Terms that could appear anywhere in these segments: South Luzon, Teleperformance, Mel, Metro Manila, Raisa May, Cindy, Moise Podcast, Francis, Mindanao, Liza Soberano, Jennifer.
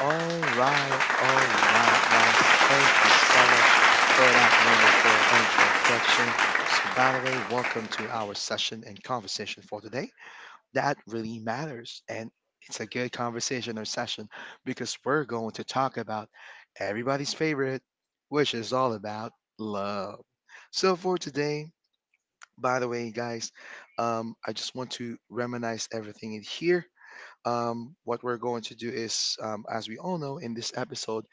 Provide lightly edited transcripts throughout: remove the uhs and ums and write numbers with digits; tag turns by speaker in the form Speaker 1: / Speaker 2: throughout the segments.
Speaker 1: All right, guys. Thank you so much for that wonderful introduction. So, by the way, welcome to our session and conversation for today. That really matters. And it's a good conversation or session because we're going to talk about everybody's favorite, which is all about love. So, for today, by the way, guys, I just want to reminisce everything in here. What we're going to do is, as we all know in this episode,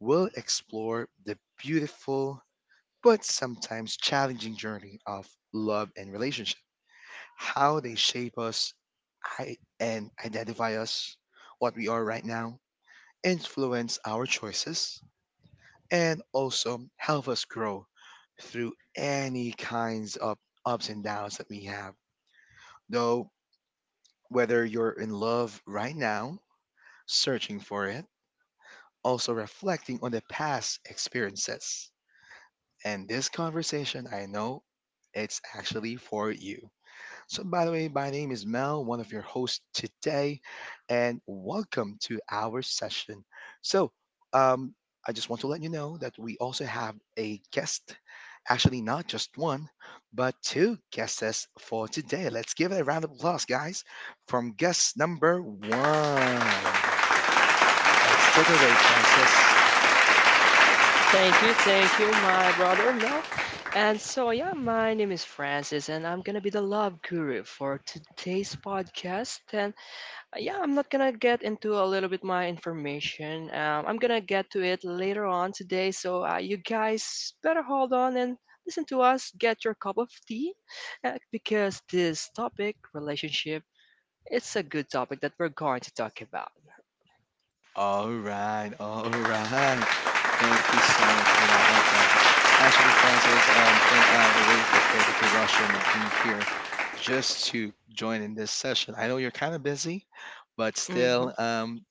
Speaker 1: we'll explore the beautiful but sometimes challenging journey of love and relationship, how they shape us and identify us, what we are right now, influence our choices, and also help us grow through any kinds of ups and downs that we have. Though, whether you're in love right now, searching for it, also reflecting on the past experiences. And this conversation, I know it's actually for you. So, by the way, my name is Mel, one of your hosts today, and welcome to our session. So, um, I just want to let you know that we also have a guest, actually, not just one, but two guests for today. Let's give it a round of applause, guys, from guest number one. Let's take away, Francis.
Speaker 2: Thank you, my brother Mel. And so, yeah, my name is Francis, and I'm gonna be the love guru for today's podcast. I'm not gonna get into a little bit my information. I'm gonna get to it later on today. So you guys better hold on and listen to us. Get your cup of tea, because this topic, relationship it's a good topic that we're going to talk about.
Speaker 1: All right, all right. Thank you so much for that one, Francis. Actually, Francis, I really appreciate that you're rushing and being here just to join in this session. I know you're kind of busy, but
Speaker 2: Hmm.
Speaker 1: still,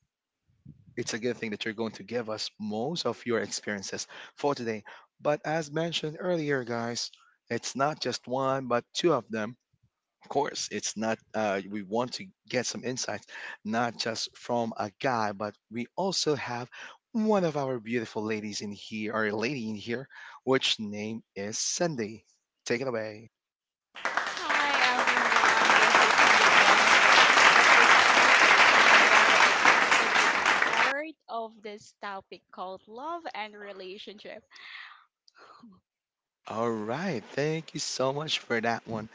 Speaker 1: it's a good thing that you're going to give us most of your experiences for today. But as mentioned earlier, guys, it's not just one, but two of them. Of course, it's not, we want to get some insights, not just from a guy, but we also have one of our beautiful ladies in here, or a lady in here, which name is Cindy. Take it away. All right, thank you so much for that one,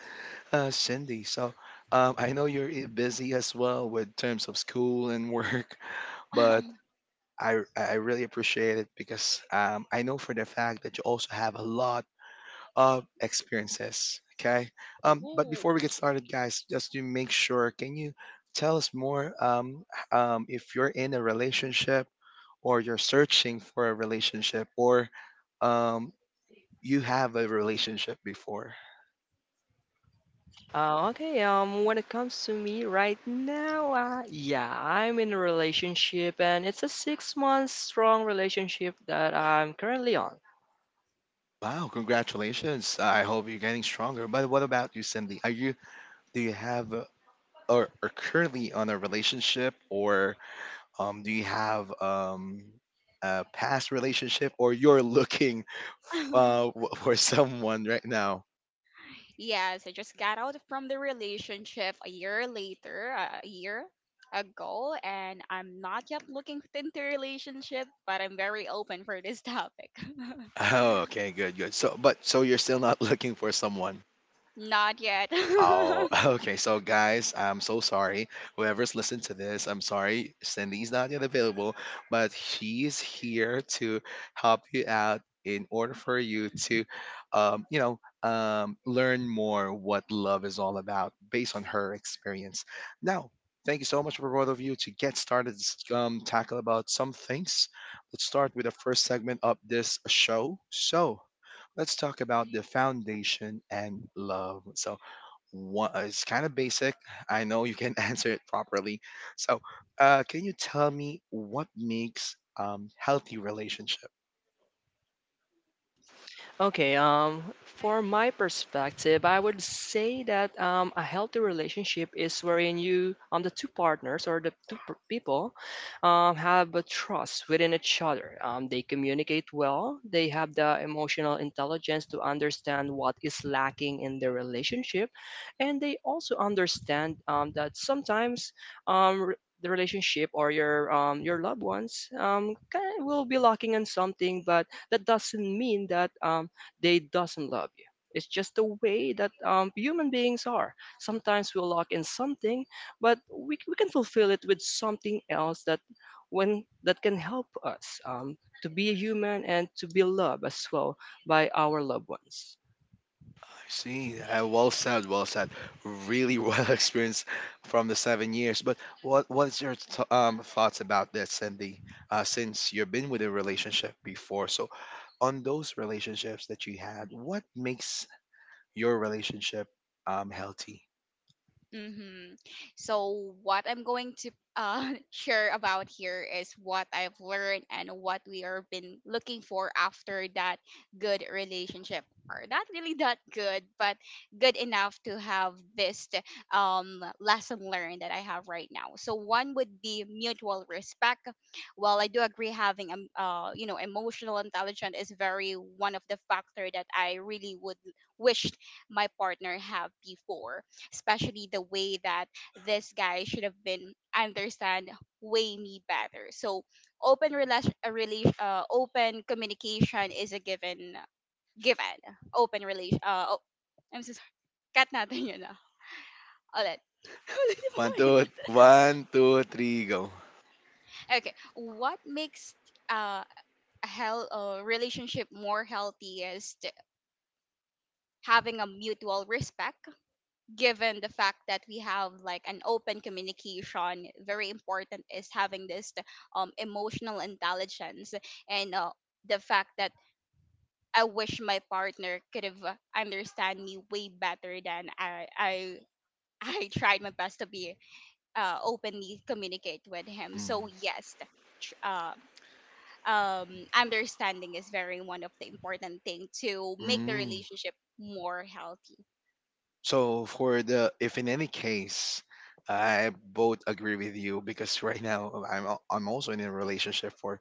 Speaker 1: Cindy. So, I know you're busy as well with terms of school and work, but I really appreciate it because I know for the fact that you also have a lot of experiences. Okay. But before we get started, guys, just to make sure, can you tell us more, if you're in a relationship or you're searching for a relationship, or um, you have a relationship before?
Speaker 2: Okay, when it comes to me right now, yeah, I'm in a relationship, and it's a 6 month strong relationship that I'm currently on.
Speaker 1: Wow, congratulations. I hope you're getting stronger. But what about you, Cindy? Are you, do you have a, or are currently on a relationship, or do you have a past relationship, or you're looking, for someone right now? Oh, okay, good, good. So, but so you're still not looking for someone. Oh, okay. So, guys, I'm so sorry. Whoever's listened to this, I'm sorry. Cindy's not yet available, but she's here to help you out in order for you to, um, you know, learn more what love is all about based on her experience. Now, thank you so much for both of you to get started, tackle about some things. Let's start with the first segment of this show. So, let's talk about the foundation and love. So, what it's kind of basic. I know you can answer it properly. So, can you tell me what makes healthy relationship?
Speaker 2: Okay, for my perspective, I would say that a healthy relationship is wherein you, the two partners or the people, have a trust within each other. They communicate well. They have the emotional intelligence to understand what is lacking in their relationship, and they also understand that sometimes um, re- the relationship or your loved ones kind will be lacking in something, but that doesn't mean that they doesn't love you. It's just the way that human beings are. Sometimes we'll lock in something, but we can fulfill it with something else that when that can help us to be a human and to be loved as well by our loved ones.
Speaker 1: I see. Well said. Well said. Really well experienced from the 7 years. But what's your thoughts about that, Cindy? Since you've been with a relationship before, so on those relationships that you had, what makes your relationship healthy? One, two, one, two, three, go. Mm. So for the if in any case, I both agree with you because right now I'm also in a relationship for,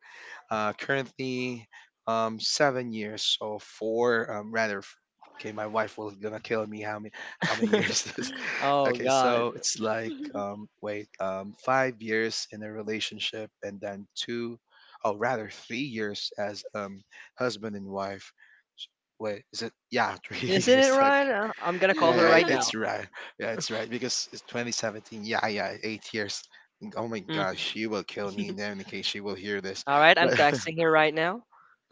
Speaker 1: currently, 7 years. So four, rather. Okay, my wife was gonna kill me. How many years this?
Speaker 2: Oh
Speaker 1: Okay,
Speaker 2: God,
Speaker 1: so it's like, wait, 5 years in a relationship, and then two, oh rather, 3 years as husband and wife. Wait, is it, yeah, three
Speaker 2: isn't it
Speaker 1: years? Okay.
Speaker 2: right? I'm gonna call her
Speaker 1: Yeah, it-
Speaker 2: right now.
Speaker 1: it's right. Yeah, it's right because it's 2017. Yeah, yeah, 8 years. Oh my gosh,
Speaker 2: Mhm.
Speaker 1: she will kill me now in case she will hear this.
Speaker 2: All right, I'm
Speaker 1: But
Speaker 2: texting her right now.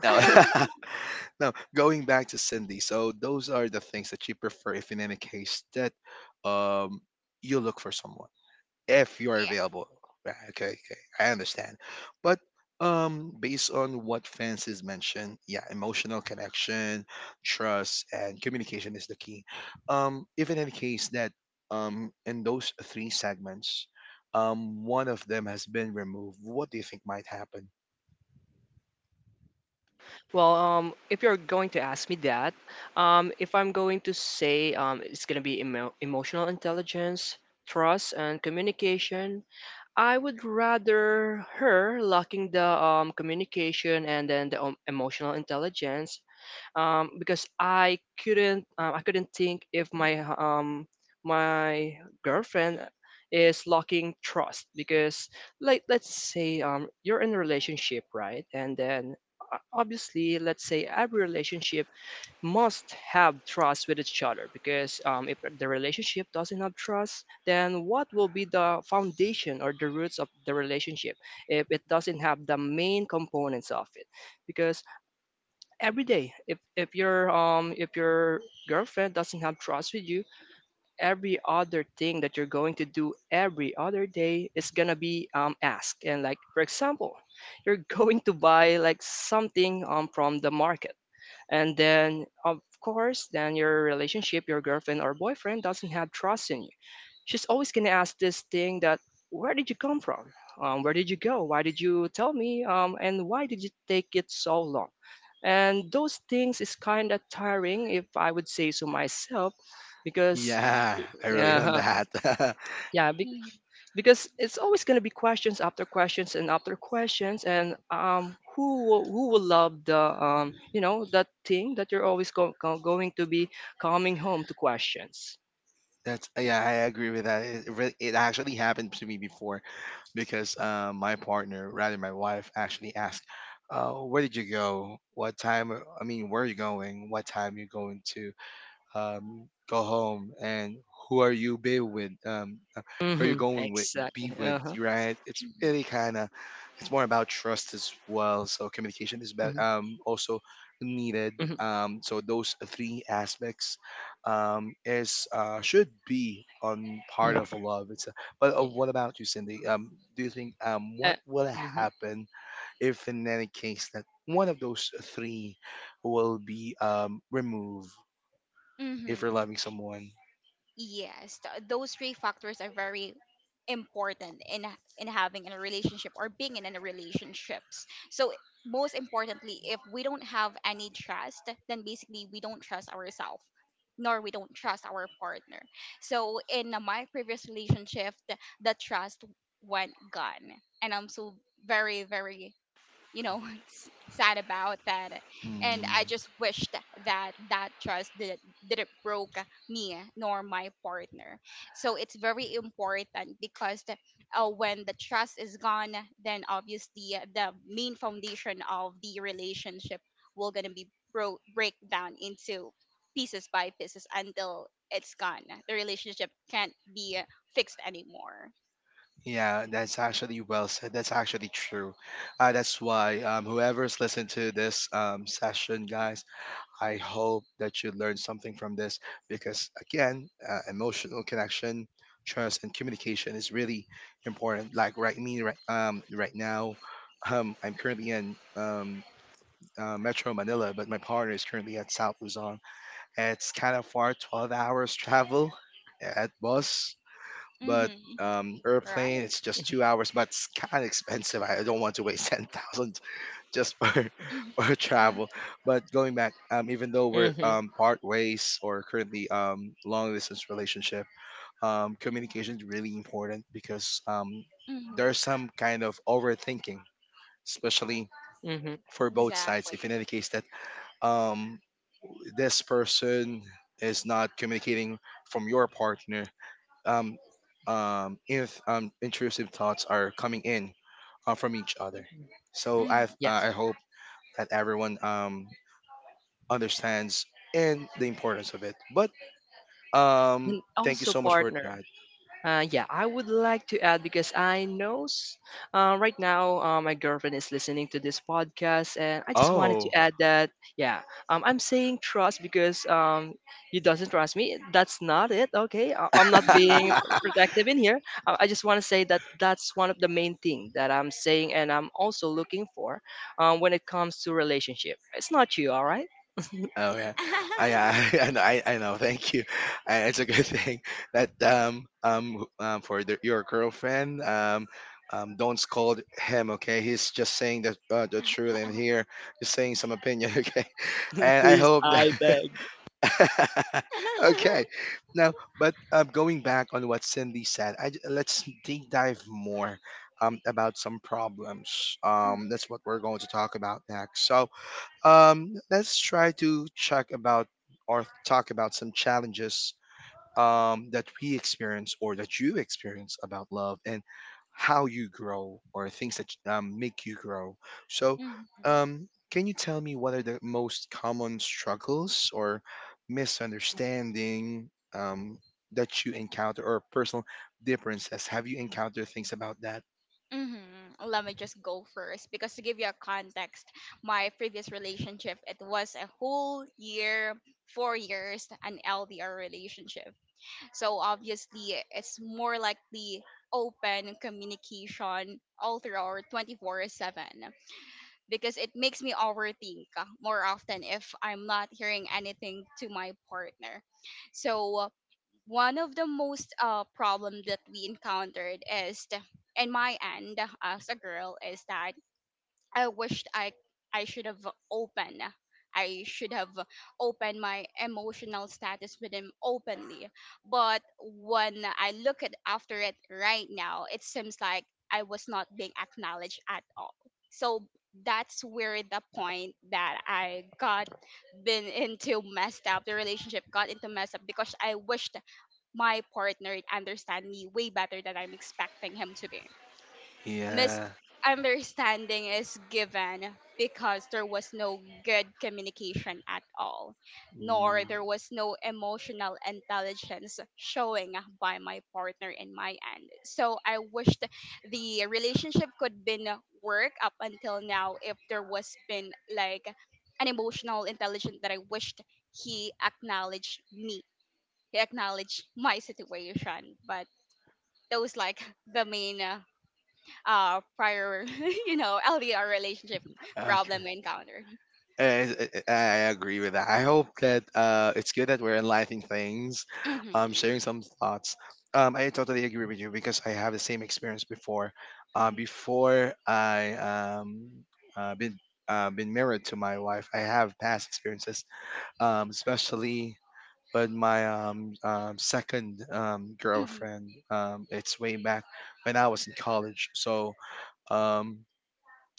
Speaker 1: no, no. Going back to Cindy. So those are the things that you prefer, if in any case that um you look for someone, if you are available. Right. Okay, okay, I understand. But based on what Francis mentioned, yeah, emotional connection, trust, and communication is the key. If in any case that, in those three segments, one of them has been removed, what do you think might happen?
Speaker 2: Well, if you're going to ask me that, if I'm going to say it's going to be emotional intelligence, trust, and communication, I would rather her locking the communication and then the emotional intelligence, because I couldn't think if my my girlfriend is lacking trust. Because like let's say you're in a relationship, right? And then obviously, let's say every relationship must have trust with each other, because if the relationship doesn't have trust, then what will be the foundation or the roots of the relationship if it doesn't have the main components of it? Because every day, if your if your girlfriend doesn't have trust with you, every other thing that you're going to do every other day is gonna be asked. And like, for example, you're going to buy like something from the market, and then of course, then your relationship, your girlfriend or boyfriend doesn't have trust in you, she's always going to ask this thing that where did you come from, where did you go, why did you tell me, and why did you take it so long? And those things is kind of tiring, if I would say so myself, because
Speaker 1: Yeah, I really want
Speaker 2: yeah.
Speaker 1: that.
Speaker 2: Yeah, because it's always going to be questions after questions and after questions. And who will love the that thing that you're always going to be coming home to questions.
Speaker 1: That's, yeah, I agree with that. It really, it actually happened to me before, because my partner, rather my wife, actually asked, "Where did you go? What time? I mean, where are you going? What time you going to?" Go home, and who are you be with, who are you
Speaker 2: Hmm,
Speaker 1: going with,
Speaker 2: exactly.
Speaker 1: be with?
Speaker 2: Uh-huh.
Speaker 1: Right, it's really kind of, it's more about trust as well, so communication is bet
Speaker 2: Hmm.
Speaker 1: also needed.
Speaker 2: Hmm.
Speaker 1: So those three aspects, is, should be on part
Speaker 2: Yeah.
Speaker 1: of love. But
Speaker 2: Yeah.
Speaker 1: what about you, Cindy? Do you think,
Speaker 2: Uh,
Speaker 1: what will
Speaker 2: mhm.
Speaker 1: happen if in any case that one of those three will be removed, if you're loving someone? Mm, yeah, that's actually well said. That's actually true. That's why, whoever's listened to this session, guys, I hope that you learned something from this because, again, emotional connection, trust, and communication is really important. Like, right now, I'm currently in Metro Manila, but my partner is currently at South Luzon. It's kind of far, 12 hours travel at bus. But airplane, it's just 2 hours, but it's kind of expensive. I don't want to waste 10,000 just for for travel. But going back, even though we're
Speaker 2: Mm-hmm.
Speaker 1: part ways or currently long distance relationship, communication is really important because there's some kind of overthinking, especially
Speaker 2: Mm-hmm.
Speaker 1: for both sides. If in any case that um, this person is not communicating from your partner. um, if intrusive thoughts are coming in from each other. So I uh,
Speaker 2: Yes.
Speaker 1: I hope that everyone understands and the importance of it. But
Speaker 2: And
Speaker 1: thank you
Speaker 2: also
Speaker 1: so much for
Speaker 2: partner.
Speaker 1: that.
Speaker 2: Yeah, I would like to add because I know right now my girlfriend is listening to this podcast, and I just wanted to
Speaker 1: Oh.
Speaker 2: add that yeah, I'm saying trust because you doesn't trust me. That's not it. Okay, I'm not being protective in here. I just want to say that that's one of the main thing that I'm saying, and I'm also looking for when it comes to relationship. It's not you, all right?
Speaker 1: Oh, yeah, I I know. I know. Thank you. It's a good thing that, your girlfriend, don't scold him. Okay, he's just saying the truth in here, just saying some opinion. Okay, and I
Speaker 2: Please,
Speaker 1: hope that
Speaker 2: I beg.
Speaker 1: okay. Now, but going back on what Cindy said, let's deep dive more about some problems. That's what we're going to talk about next. So, let's try to check about or talk about some challenges, that we experience or that you experience about love, and how you grow, or things that make you grow. So, can you tell me what are the most common struggles or misunderstanding, that you encounter, or personal differences? Have you encountered things about that? Yeah. Mm. Okay. I agree with that. I hope that, it's good that we're enlightening things, sharing some thoughts. I totally agree with you because I have the same experience before. Before I um, uh, been uh, been married to my wife, I have past experiences, especially with my second girlfriend. It's way back when I was in college, so um,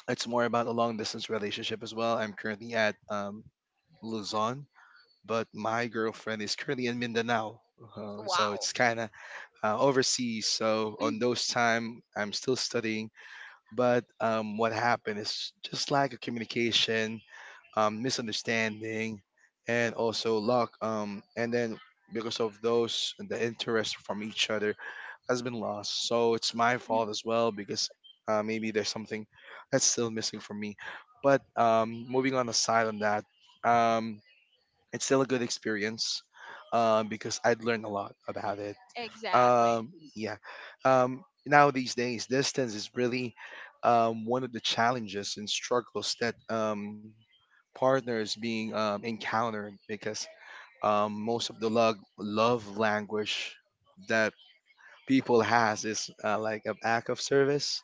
Speaker 1: it's more about a long distance relationship as well. I'm currently at Luzon, but my girlfriend is currently in Mindanao. So it's kind of, overseas. So on those time, I'm still studying. But what happened is just like a communication misunderstanding, and also luck. And then because of those, the interest from each other has been lost. So it's my fault as well because, maybe there's something that's still missing from me. But moving on aside on that, um, it's still a good experience because I'd learned a lot about it. Yeah. Now these days, distance is really one of the challenges and struggles that partners being encountered because most of the love language that people has is, like an act of service,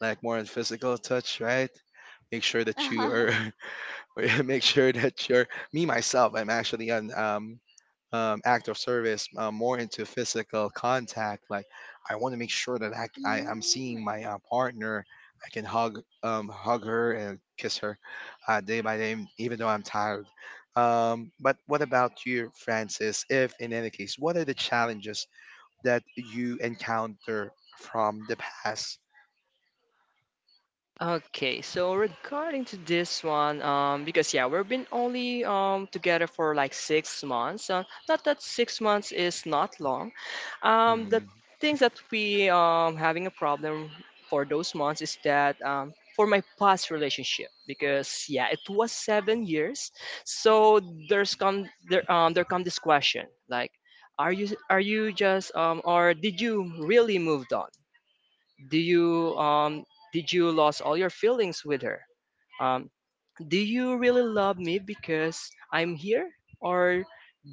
Speaker 1: like more on physical touch, right? Make sure that you are, make sure that you're me myself. I'm actually on act of service, more into physical contact. Like, I want to make sure that I am seeing my partner, I can hug hug her and kiss her day by day even though I'm tired. But what about you, Francis? If in any case, what are the challenges that you encounter from the past?
Speaker 2: Okay, so regarding to this one, because yeah, we've been only together for like 6 months. Not that 6 months is not long. The
Speaker 1: Mhm.
Speaker 2: things that we having a problem for those months is that for my past relationship, because yeah, it was 7 years. So there come this question like, are you just or did you really moved on? Do you did you lose all your feelings with her? um do you really love me because I'm here, or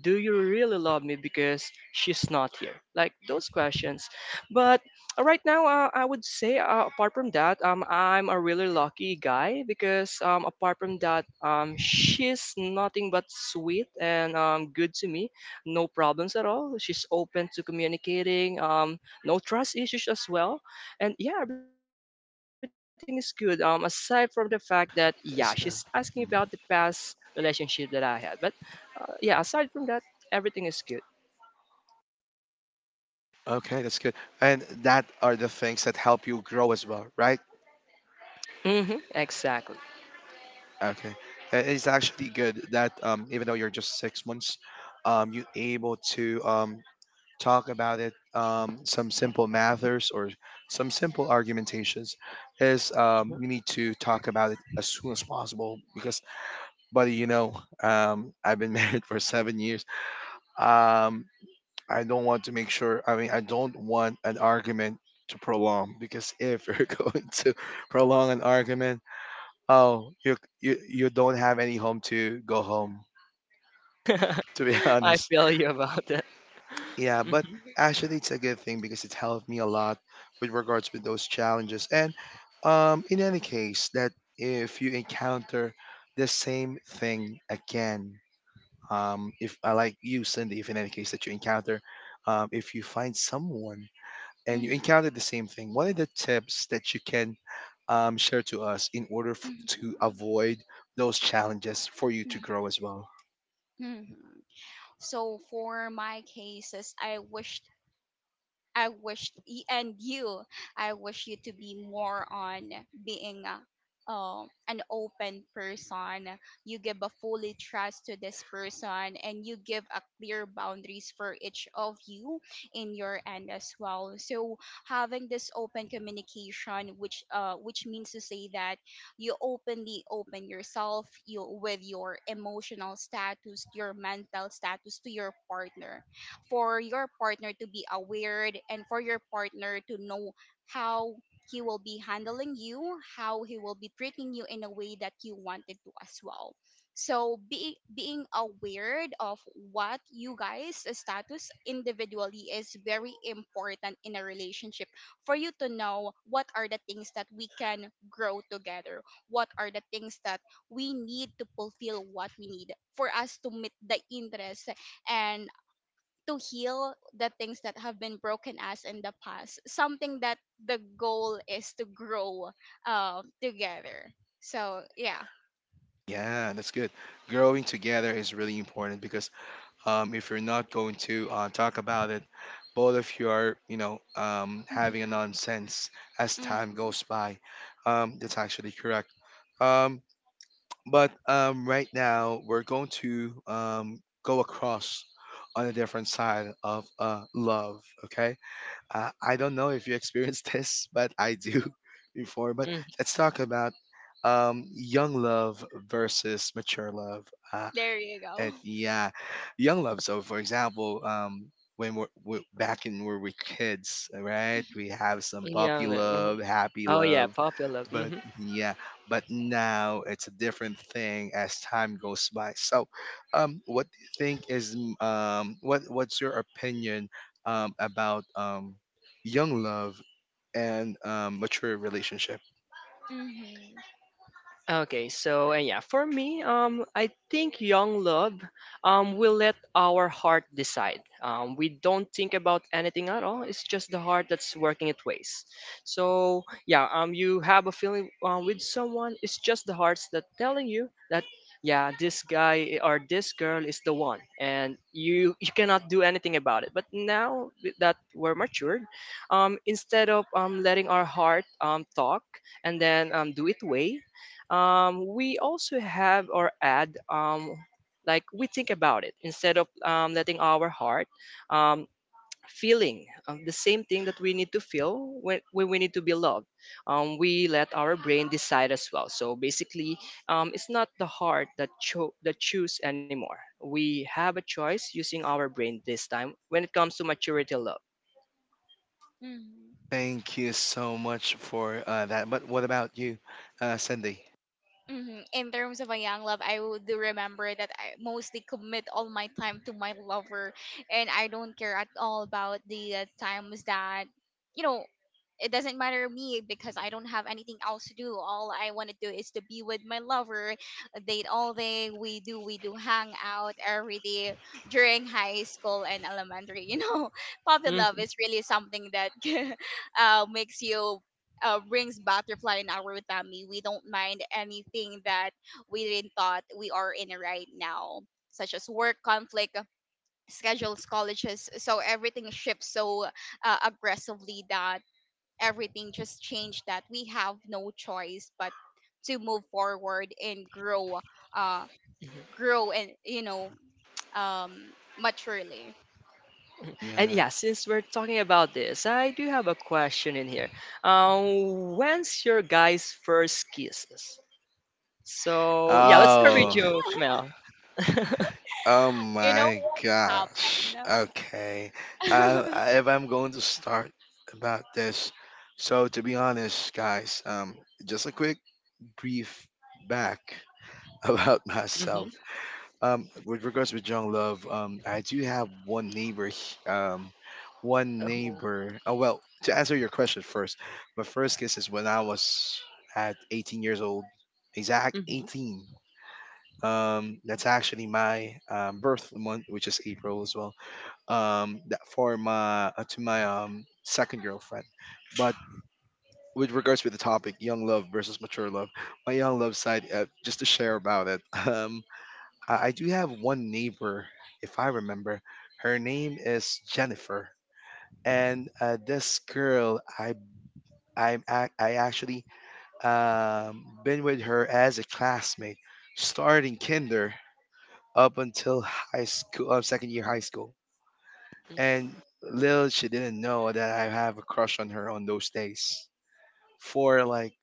Speaker 2: do you really love me because she's not here? Like those questions. But right now, I would say, apart from that, I'm a really lucky guy, because apart from that, she's nothing but sweet and good to me. No problems at all. She's open to communicating, no trust issues as well. And yeah, everything is good. Aside from the fact
Speaker 1: Is-
Speaker 2: that
Speaker 1: uh,
Speaker 2: yeah, she's
Speaker 1: mhm.
Speaker 2: asking about the past relationship that I had, but yeah, aside from that, everything is good.
Speaker 1: Okay, that's good, and that are the things that help you grow as well, right?
Speaker 2: Mm-hmm. Exactly.
Speaker 1: Okay, that is actually good that even though you're just 6 months, you able to talk about it. Some simple matters or some simple argumentations is,
Speaker 2: Mhm.
Speaker 1: you need to talk about it as soon as possible because, buddy, I've been married for 7 years. Um, I don't want to make sure. I mean, I don't want an argument to prolong, because if you're going to prolong an argument, oh, you you don't have any home to go home, to be
Speaker 2: I
Speaker 1: honest.
Speaker 2: feel you about that.
Speaker 1: Yeah, but
Speaker 2: Mm-hmm.
Speaker 1: actually it's a good thing because it helped me a lot with regards with those challenges. And in any case that if you encounter the same thing again, if I like you, Cindy, if in any case that you encounter if you find someone and you encountered the same thing, what are the tips that you can share to us in order to avoid those challenges for you to grow as well? Yeah, that's good. Growing together is really important because, if you're not going to talk about it, both of you are, you know, having a nonsense as time goes by. That's actually correct. Um, But Right now we're going to go across on a different side of love. Okay, I don't know if you experienced this, but I do before. But
Speaker 2: Hmm.
Speaker 1: let's talk about young love versus mature love. Uh, at Yeah, young love. So for example, when we're back in where we're kids, right? We have some
Speaker 2: Yeah.
Speaker 1: puppy love,
Speaker 2: Mhm.
Speaker 1: happy
Speaker 2: Oh yeah,
Speaker 1: love,
Speaker 2: popular.
Speaker 1: but
Speaker 2: Hmm.
Speaker 1: yeah, but now it's a different thing as time goes by. So, what do you think is what's your opinion about young love and mature relationship?
Speaker 2: Okay, so and yeah, for me, I think young love, will let our heart decide. We don't think about anything at all. It's just the heart that's working its ways. So yeah, you have a feeling with someone. It's just the hearts that telling you that yeah, this guy or this girl is the one, and you cannot do anything about it. But now that we're matured, instead of letting our heart talk, and then do it way, we also have our ad like we think about it instead of letting our heart um, feeling the same thing that we need to feel when we need to be loved. We let our brain decide as well. So basically, it's not the heart that, that choose anymore. We have a choice using our brain this time when it comes to maturity love.
Speaker 1: Thank you so much for that. But what about you, Cindy?
Speaker 2: Mhm. And
Speaker 1: Yeah.
Speaker 2: yeah, since we're talking about this, I do have a question in here. When's your guys' first kisses? So yeah, let's start with
Speaker 1: Oh,
Speaker 2: you, Mel. Hmm.
Speaker 1: oh my gosh. Okay. I- if I'm going to start about this, so to be honest, guys, just a quick brief back about myself. With regards with young love, I do have one neighbor. One
Speaker 2: Oh.
Speaker 1: neighbor. Oh well, to answer your question first, my first kiss is when I was at 18 years old, exact
Speaker 2: Hmm.
Speaker 1: 18. That's actually my birth month, which is April as well. That for my to my second girlfriend, but with regards with the topic, young love versus mature love, my young love side, just to share about it. Um, I do have one neighbor. If I remember, her name is Jennifer, and this girl, I actually been with her as a classmate starting kinder up until high school, second year high school. And little she didn't know that I have a crush on her on those days for like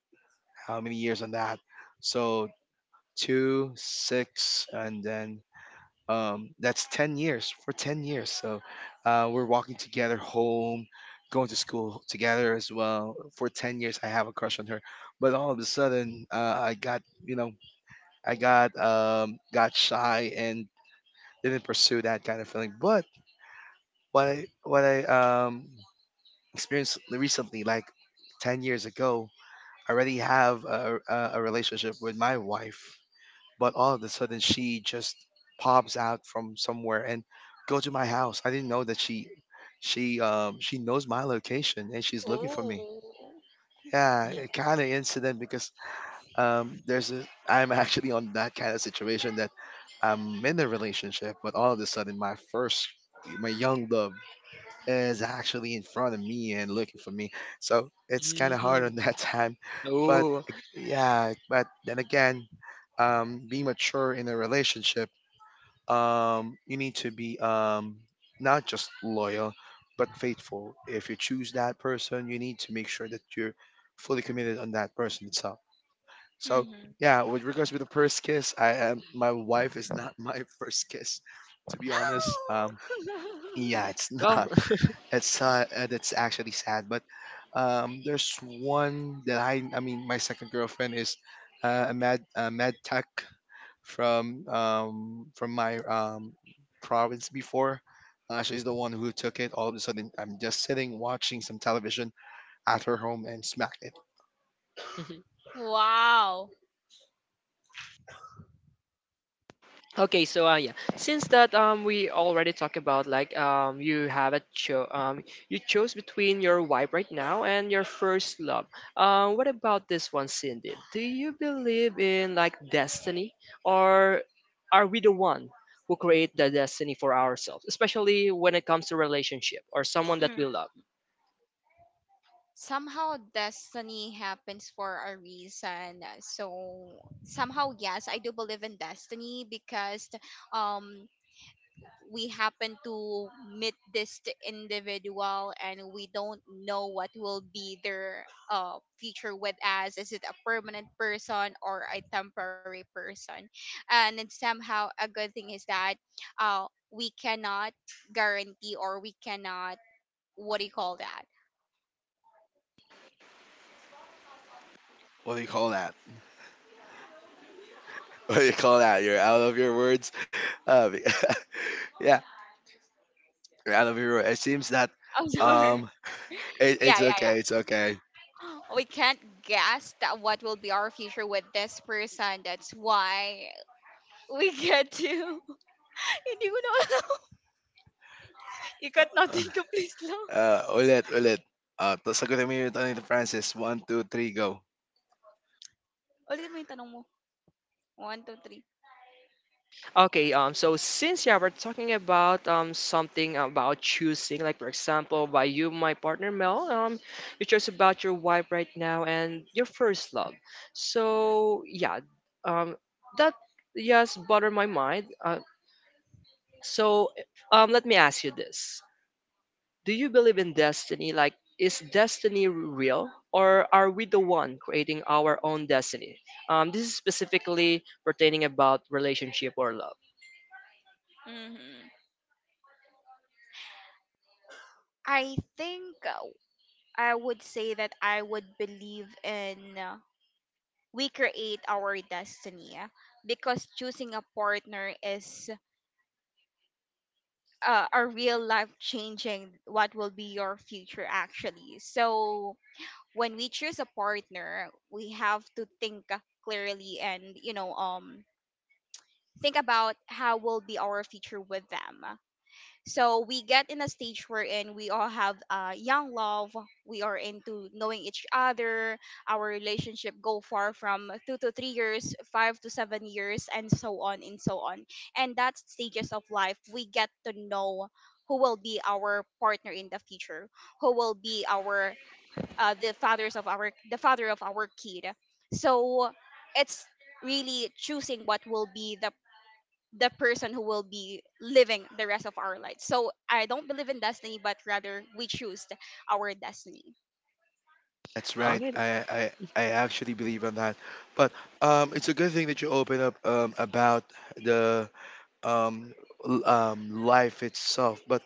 Speaker 1: how many years on that? So two, six, and then that's 10 years. For 10 years, so we're walking together home, going to school together as well. For 10 years, I have a crush on her. But all of a sudden, I got, you know, I got shy and didn't pursue that kind of feeling. But what I experienced recently, like 10 years ago, I already have a relationship with my wife, but all of a sudden she just pops out from somewhere and go to my house. I didn't know that she knows my location and she's looking for me. Yeah, kind of incident because I'm actually on that kind of situation that I'm in a relationship, but all of a sudden my first, my young love, is actually in front of me and looking for me. So it's kind of hard
Speaker 2: Mm.
Speaker 1: on that time. But
Speaker 2: Oh.
Speaker 1: yeah, but then again, being mature in a relationship, you need to be, not just loyal, but faithful. If you choose that person, you need to make sure that you're fully committed on that person itself. So yeah, with regards to the first kiss, I am my wife is not my first kiss, to be honest. Yeah, it's
Speaker 2: Well.
Speaker 1: not. It's that's actually sad. But there's one that my second girlfriend is a med tech from my province before. She's the one who took it. All of a sudden, I'm just sitting watching some television at her home and smack it.
Speaker 2: Okay, so yeah, since that we already talked about like you have a cho you chose between your wife right now and your first love. What about this one, Cindy? Do you believe in like destiny, or are we the one who create the destiny for ourselves, especially when it comes to relationship or someone that we love?
Speaker 1: What do you call that? What do you call that? You're out of your words. Uh, yeah, you're out of your words. It seems that um, it, it's okay. It's okay. Uh, Ulit, ulit. Sagutin mo yun, Tony Francis. One, two, three, go.
Speaker 2: Okay, so since yeah, we're talking about something about choosing, like for example, by you, my partner Mel, you chose about your wife right now and your first love. So yeah, um, that yes, butter my mind. So let me ask you this: Do you believe in destiny? Like, is destiny real, or are we the one creating our own destiny? This is specifically pertaining about relationship or love.
Speaker 1: That's right.
Speaker 2: Okay.
Speaker 1: I actually believe in that. But it's a good thing that you open up about the um, life itself. But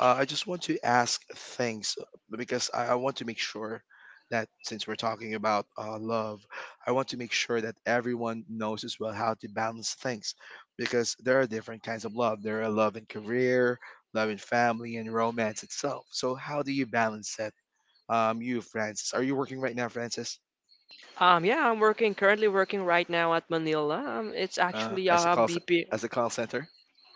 Speaker 1: I just want to ask things because I want to make sure that since we're talking about love, I want to make sure that everyone knows as well how to balance things, because there are different kinds of love. There are love in career, love in family, and romance itself. So how do you balance that? You, Francis, are you working right now, Francis,
Speaker 2: Yeah, I'm working, currently working right now at Manila. It's
Speaker 1: uh,
Speaker 2: actually
Speaker 1: as a
Speaker 2: a
Speaker 1: call ce-
Speaker 2: BP,
Speaker 1: as a call center?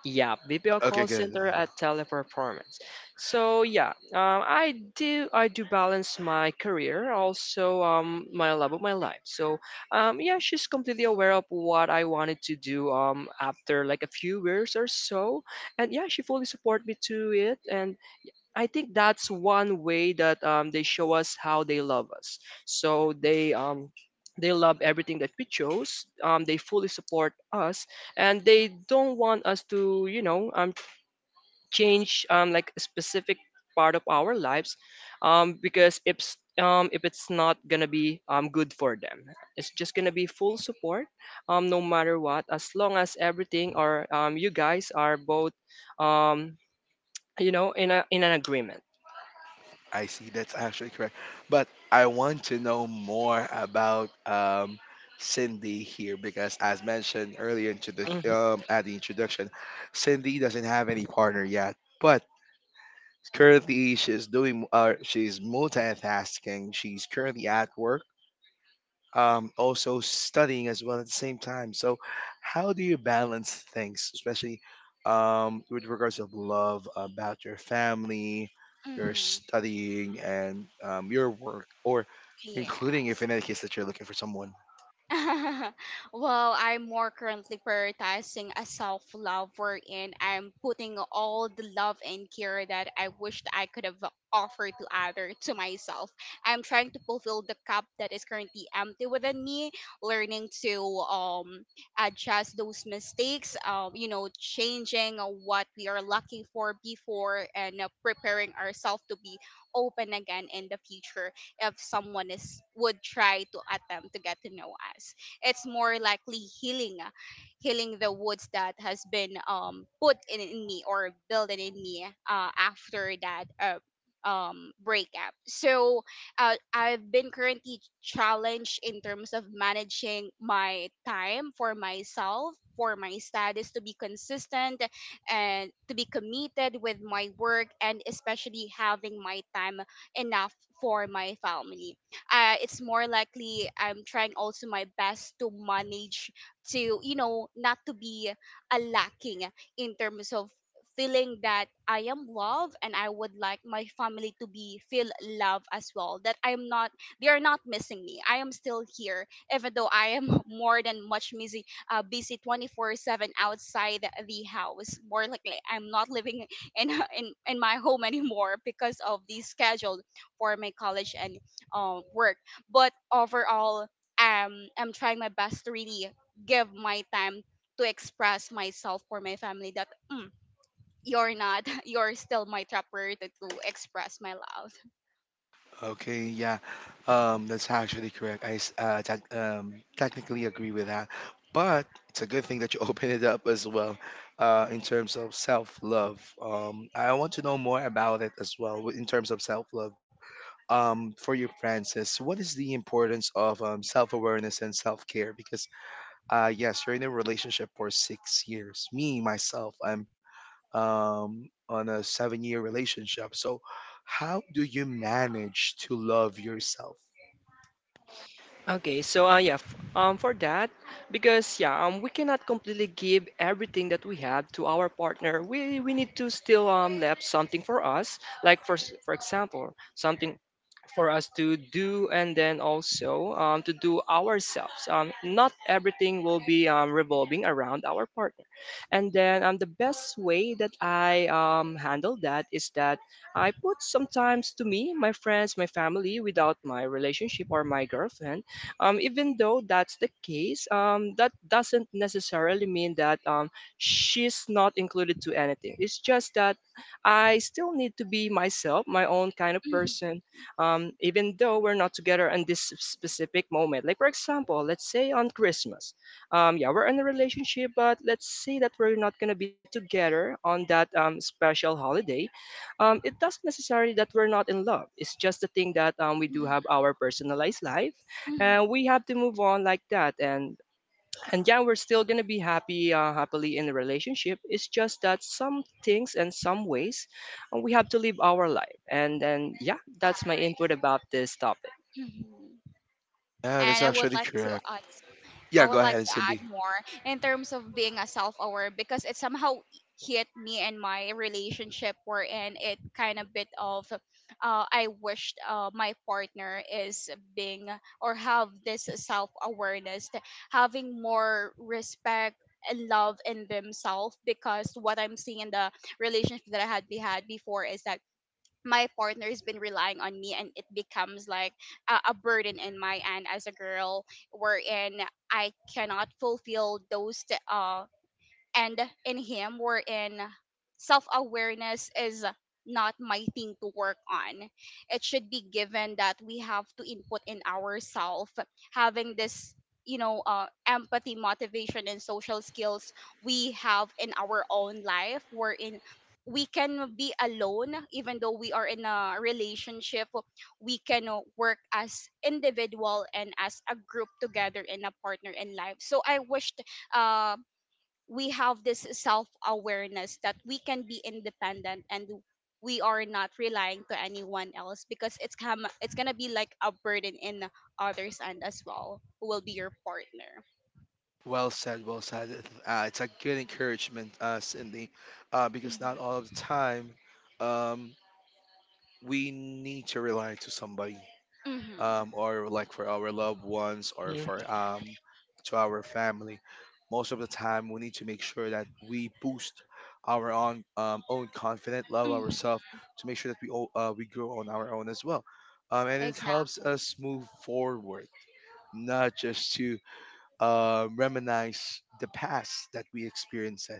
Speaker 2: yeah, BPO
Speaker 1: Okay,
Speaker 2: call
Speaker 1: good.
Speaker 2: center at Teleperformance. So yeah, I do balance my career, also my love of my life. So yeah, she's completely aware of what I wanted to do after like a few years or so, and yeah, she fully support me to it. And I think that's one way that they show us how they love us. So they love everything that we chose. They fully support us, and they don't want us to, you know, change like a specific part of our lives, because if it's not gonna be good for them, it's just gonna be full support, no matter what, as long as everything, or you guys are both, um, you know, in a in an agreement.
Speaker 1: I see. That's actually correct. But I want to know more about Cindy here because, as mentioned earlier into the at the introduction, Cindy doesn't have any partner yet, but currently she's doing. She's multitasking. She's currently at work, also studying as well at the same time. So, how do you balance things, especially with regards of love about your family, your studying, and your work, or including if in any case that you're looking for someone? Okay, yeah, that's actually correct. Technically agree with that, but it's a good thing that you open it up as well in terms of self love. I want to know more about it as well in terms of self love. For you, Francis, what is the importance of self awareness and self care? Because, yes, you're in a relationship for 6 years. Me, myself, I'm on a 7 year relationship. So, how do you manage to love yourself?
Speaker 2: Okay, so yeah, for that, because yeah, we cannot completely give everything that we have to our partner. We need to still left something for us, like for for example, something for us to do, and then also to do ourselves. Not everything will be revolving around our partner, and then the best way that I handle that is that I put sometimes to me, my friends, my family, without my relationship or my girlfriend. Even though that's the case, that doesn't necessarily mean that she's not included to anything. It's just that I still need to be myself, my own kind of person, even though we're not together in this specific moment. Like, for example, let's say on Christmas, yeah, we're in a relationship, but let's say that we're not going to be together on that special holiday. It doesn't necessarily that we're not in love. It's just the thing that we do have our personalized life, and we have to move on like that. And yeah, we're still gonna be happy, happily in the relationship. It's just that some things and some ways, we have to live our life. And then yeah, that's my input about this topic.
Speaker 1: Yeah, that's actually correct. Yeah, go ahead, Cindy. Well said, well said. It's a good encouragement, Cindy, because not all of the time um, we need to rely to somebody, or like for our loved ones or for
Speaker 2: Mhm.
Speaker 1: to our family. Most of the time, we need to make sure that we boost our own own confidence, love ourselves, to make sure that we all, we grow on our own as well, and it helps us move forward, not just to reminisce the past that we experienced,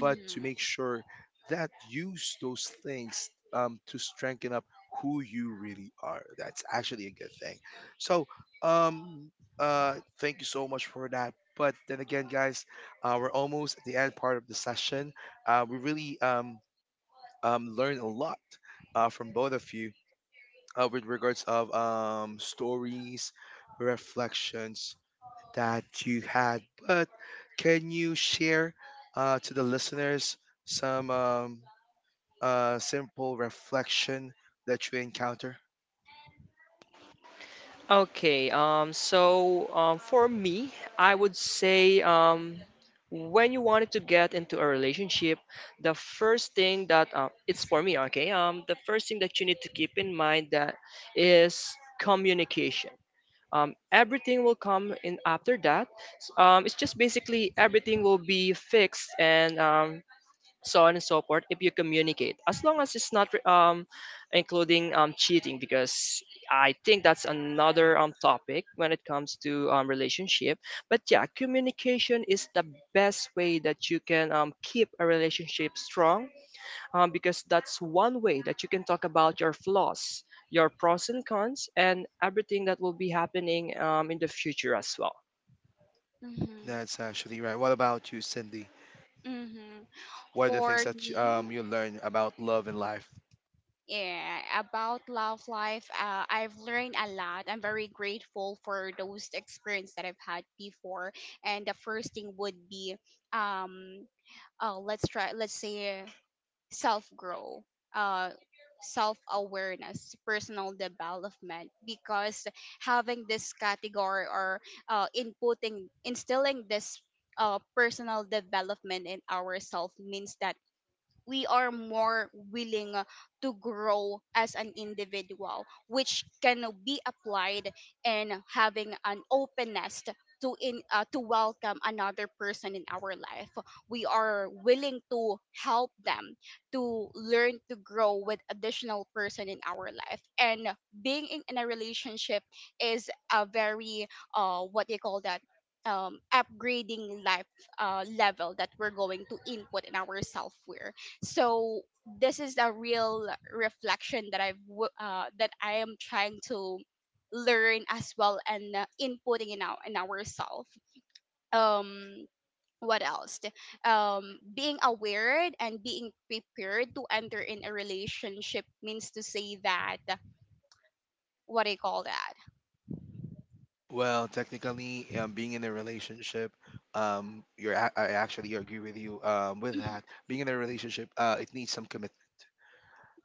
Speaker 1: but to make sure that use those things to strengthen up who you really are. That's actually a good thing. So, um, thank you so much for that. But then again, guys, we're almost at the end part of the session. We really learned a lot from both of you with regards of stories, reflections, that you had, but can you share to the listeners some simple reflection that you encounter?
Speaker 2: Okay, so for me, I would say, when you wanted to get into a relationship, the first thing that it's, for me, the first thing that you need to keep in mind that is communication. Everything will come in after that. It's just basically everything will be fixed, and so on and so forth, if you communicate, as long as it's not including cheating, because I think that's another topic when it comes to relationship. But yeah, communication is the best way that you can keep a relationship strong, because that's one way that you can talk about your flaws, your pros and cons, and everything that will be happening in the future as well.
Speaker 1: That's actually right. What about you, Cindy? What are the things that you learn about love and life? Well, technically, being in a relationship, I actually agree with you with that. Being in a relationship, it needs some commitment,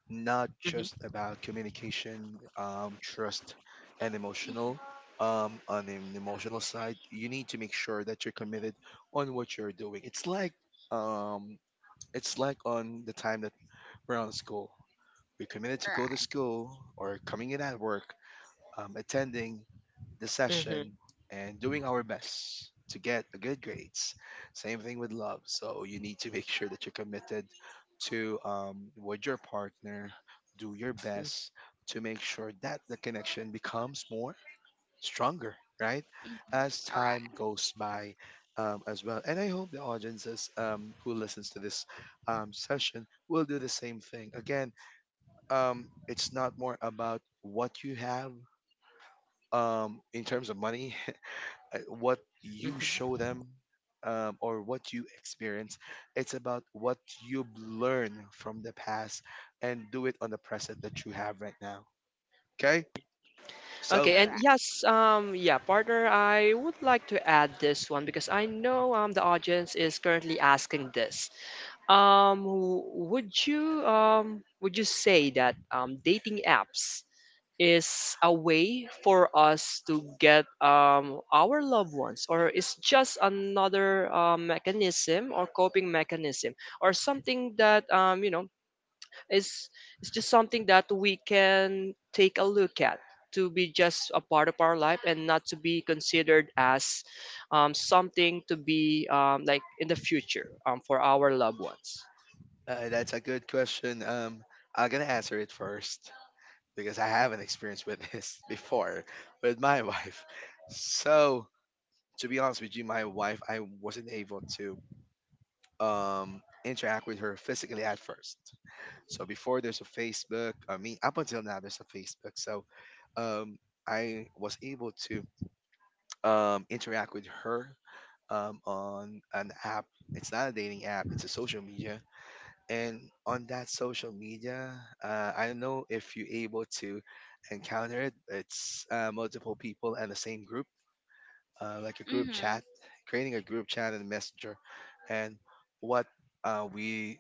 Speaker 1: not
Speaker 2: Mhm,
Speaker 1: just about communication, trust, and emotional. On an emotional side, you need to make sure that you're committed on what you're doing. Um, it's like on the time that we're on school. We're committed to go to school or coming in at work, attending the
Speaker 2: mhm,
Speaker 1: session and doing our best to get a good grades. Same thing with love. So you need to make sure that you're committed to, with your partner. Do your
Speaker 2: mhm,
Speaker 1: best to make sure that the connection becomes more stronger, right? As time goes by, as well. And I hope the audiences who listens to this session will do the same thing. Again, it's not more about what you have in terms of money what you
Speaker 2: mhm.
Speaker 1: show them or what you experience. It's about what you learn from the past and do it on the present that you have right now, okay? so
Speaker 2: Okay, and yes, yeah, partner, I would like to add this one because I know the audience is currently asking this. Would you would you say that dating apps is a way for us to get our loved ones, or is just another mechanism or coping mechanism, or something that is is just something that we can take a look at to be just a part of our life and not to be considered as something to be, like, in the future for our loved ones.
Speaker 1: uh, that's a good question. I'm gonna answer it first because I have an experience with this before with my wife. So to be honest with you, my wife, I wasn't able to interact with her physically at first. So before there's a Facebook, I mean up until now there's a Facebook. So um, I was able to interact with her on an app. It's not a dating app. It's a social media. And on that social media, I don't know if you're able to encounter it. It's multiple people and the same group, like a group chat, creating a group chat and messenger, and what uh, we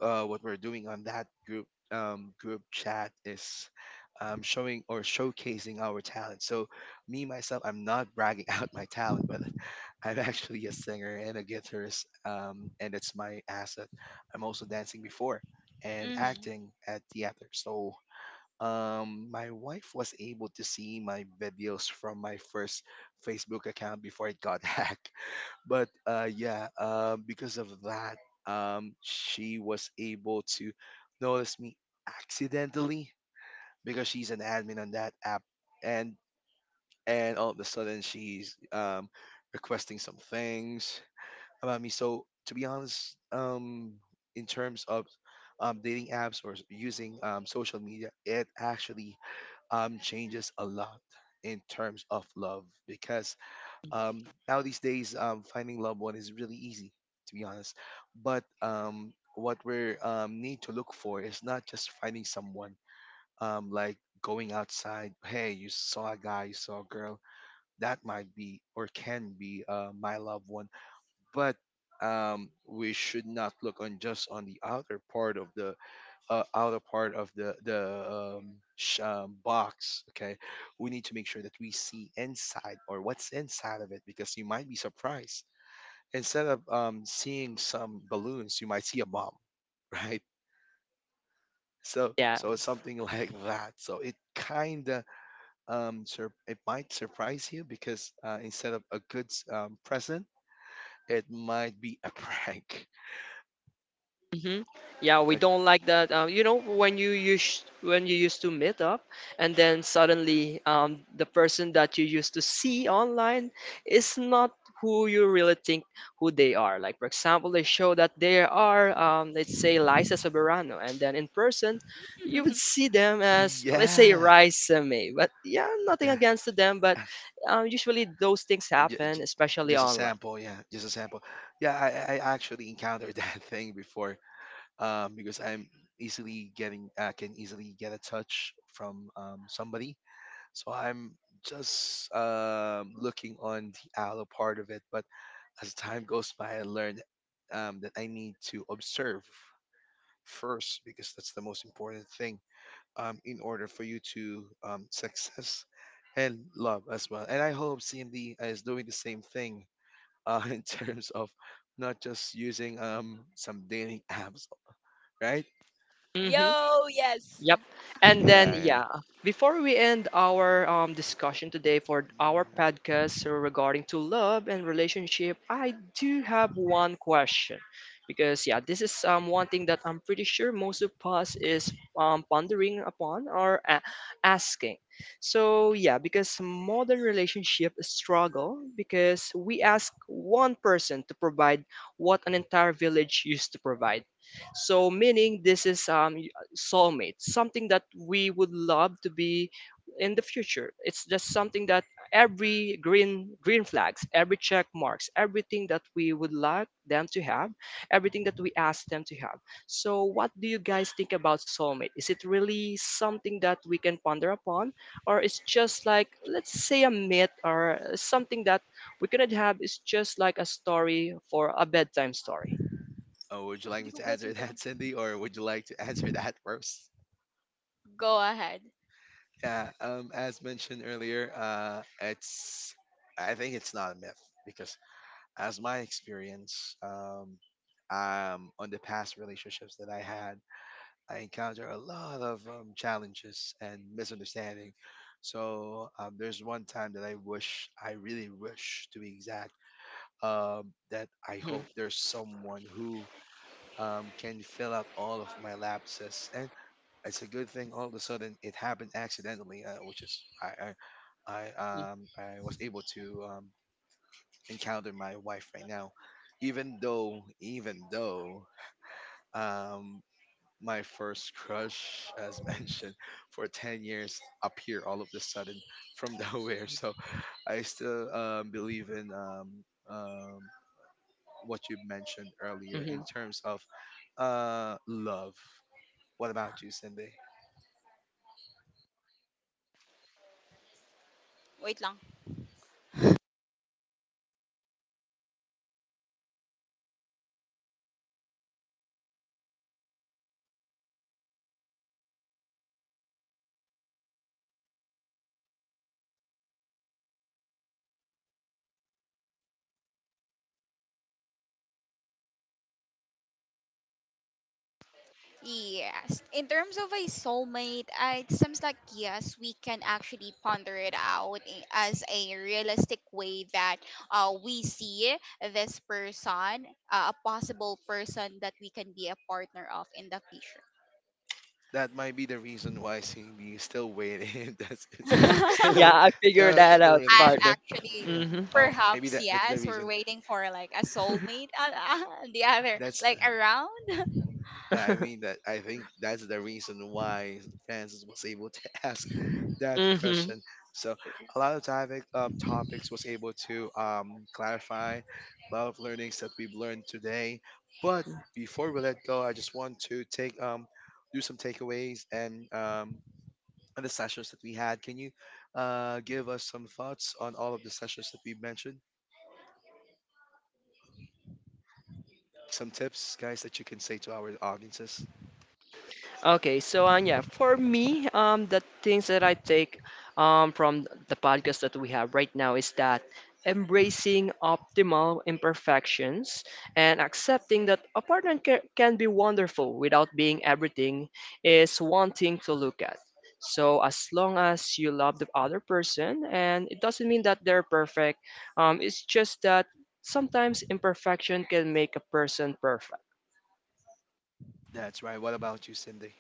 Speaker 1: what we're doing on that group chat is showing or showcasing our talent. So me myself, I'm not bragging out my talent, but I'm actually a singer and a guitarist, and it's my asset. I'm also dancing before and acting at theater. So my wife was able to see my videos from my first Facebook account before it got hacked. But yeah, because of that, she was able to notice me accidentally because she's an admin on that app, and and all of a sudden she's requesting some things about me. So to be honest, in terms of dating apps or using social media, it actually changes a lot in terms of love, because now these days finding loved one is really easy, to be honest. But what we need to look for is not just finding someone, like going outside, hey, you saw a guy, you saw a girl that might be or can be my loved one. But we should not look on just on the outer part of the outer part of the sh- box. Okay, we need to make sure that we see inside or what's inside of it because you might be surprised. Instead of seeing some balloons, you might see a bomb, right? So
Speaker 2: Yeah.
Speaker 1: so it's something like that. So it kind of it might surprise you, because instead of a good present, it might be a prank.
Speaker 2: Mm-hmm. Yeah, we
Speaker 1: Uh,
Speaker 2: don't like that. You know, when you used to meet up, and then suddenly the person that you used to see online is not who you really think who they are. Like, for example, they show that they are, let's say, Liza Soberano, and then in person, you would see them as, let's say,
Speaker 1: yeah.
Speaker 2: Raisa May. But yeah, nothing against them, but usually those things
Speaker 1: J-
Speaker 2: happen,
Speaker 1: j-
Speaker 2: especially
Speaker 1: just a
Speaker 2: online.
Speaker 1: sample, yeah, just a sample. Yeah, I actually encountered that thing before, because I can easily get a touch from somebody. So I'm just looking on the aloe part of it. But as time goes by I learned that I need to observe first because that's the most important thing in order for you to success and love as well. And I hope CMD is doing the same thing in terms of not just using some dating apps, right?
Speaker 2: Hmm. Yep. And then,
Speaker 1: Yeah, yeah.
Speaker 2: yeah, before we end our discussion today for our podcast regarding to love and relationship, I do have one question, because yeah, this is one thing that I'm pretty sure most of us is pondering upon asking. So yeah, because modern relationship struggle because we ask one person to provide what an entire village used to provide. So meaning, this is soulmates, something that we would love to be in the future. It's just something that every green flags, every check marks, everything that we would like them to have, everything that we ask them to have. So what do you guys think about soulmate? Is it really something that we can ponder upon, or it's just, like, let's say, a myth or something that we cannot have, is just like a story for a bedtime story.
Speaker 1: Oh, would you like me to answer that, Cindy, or would you like to answer that first? Yeah, as mentioned earlier, it's I think it's not a myth, because as my experience, on the past relationships that I had, I encounter a lot of challenges and misunderstanding. So there's one time that I wish, I really wish, to be exact, that I
Speaker 2: Hmm.
Speaker 1: hope there's someone who can fill out all of my lapses. And it's a good thing. All of a sudden, it happened accidentally, which is I was able to encounter my wife right now, even though, even though, Um, my first crush, as mentioned, for 10 years appear all of a sudden from nowhere. So I still believe in um, what you mentioned earlier in
Speaker 2: Mhm.
Speaker 1: terms of love. What about you, Cindy? That might be the reason why Cindy is still waiting. That's it's still
Speaker 2: yeah,
Speaker 1: a,
Speaker 2: I figured
Speaker 1: not
Speaker 2: that
Speaker 1: a- the
Speaker 2: out,
Speaker 1: relation.
Speaker 2: partner.
Speaker 1: Yeah.
Speaker 2: Mhm.
Speaker 1: Oh, maybe that's the reason. That's yeah. I mean that I think that's the reason why Francis was able to ask that
Speaker 2: Mhm.
Speaker 1: question. So a lot of topic, topics was able to clarify a lot of learnings that we've learned today. But before we let go, I just want to take do some takeaways and on the sessions that we had. Can you give us some thoughts on all of the sessions that we mentioned? Some tips, guys, that you can say to our audiences.
Speaker 2: Okay, so yeah, for me, the things that I take from the podcast that we have right now is that embracing optimal imperfections and accepting that a partner can be wonderful without being everything is one thing to look at. So as long as you love the other person, and it doesn't mean that they're perfect, it's just that sometimes imperfection can make a person perfect.
Speaker 1: That's right. What about you, Cindy?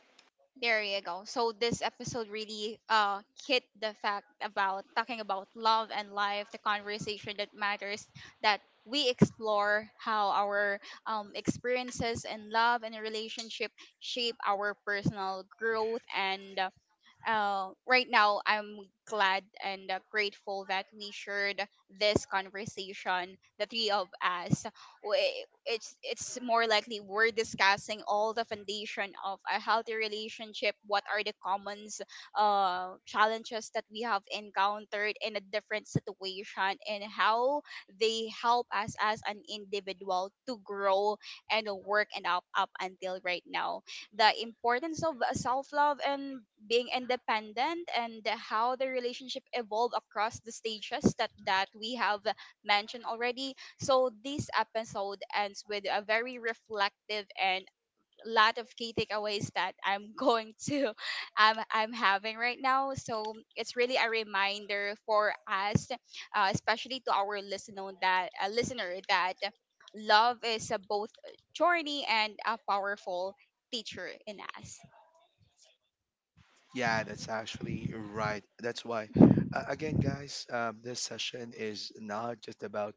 Speaker 1: Yeah, that's actually right. That's why, again, guys, this session is not just about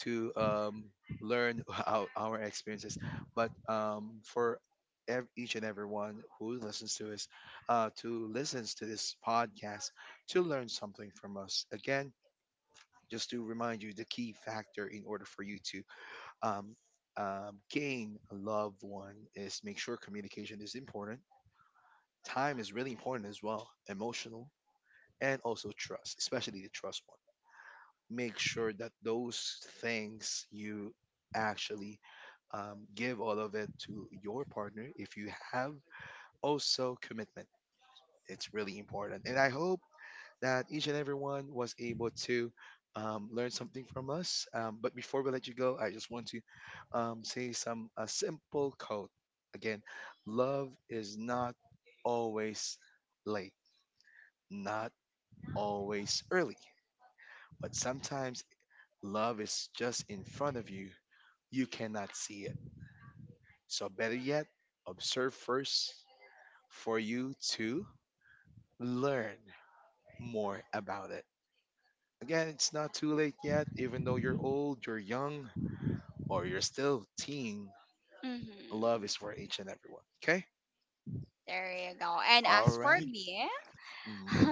Speaker 1: to learn our experiences, but for each and everyone who listens to us, to listens to this podcast, to learn something from us. Again, just to remind you, the key factor in order for you to um, gain a loved one is make sure communication is important. Time is really important as well, emotional and also trust, especially the trust one. Make sure that those things you actually give all of it to your partner if you have. Also, commitment. It's really important. And I hope that each and everyone was able to learn something from us. But before we let you go, I just want to say some a simple quote. Again, love is not always late, not always early, but sometimes love is just in front of you. You cannot see it. So, better yet, observe first for you to learn more about it. Again, it's not too late yet. Even though you're old, you're young, or you're still teen, love is for each and everyone. Okay? All right. Mhm.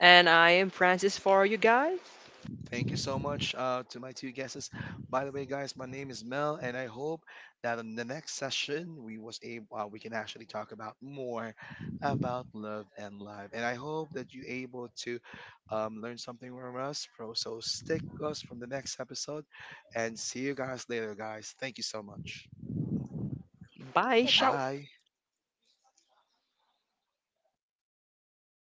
Speaker 2: And I am Francis for you guys.
Speaker 1: Thank you so much to my two guests. By the way, guys, my name is Mel, and I hope that in the next session we was able we can actually talk about more about love and life. And I hope that you able to learn something from us. So stick us from the next episode, and see you guys later, guys. Thank you so much.
Speaker 2: Bye. Ciao.
Speaker 1: Bye.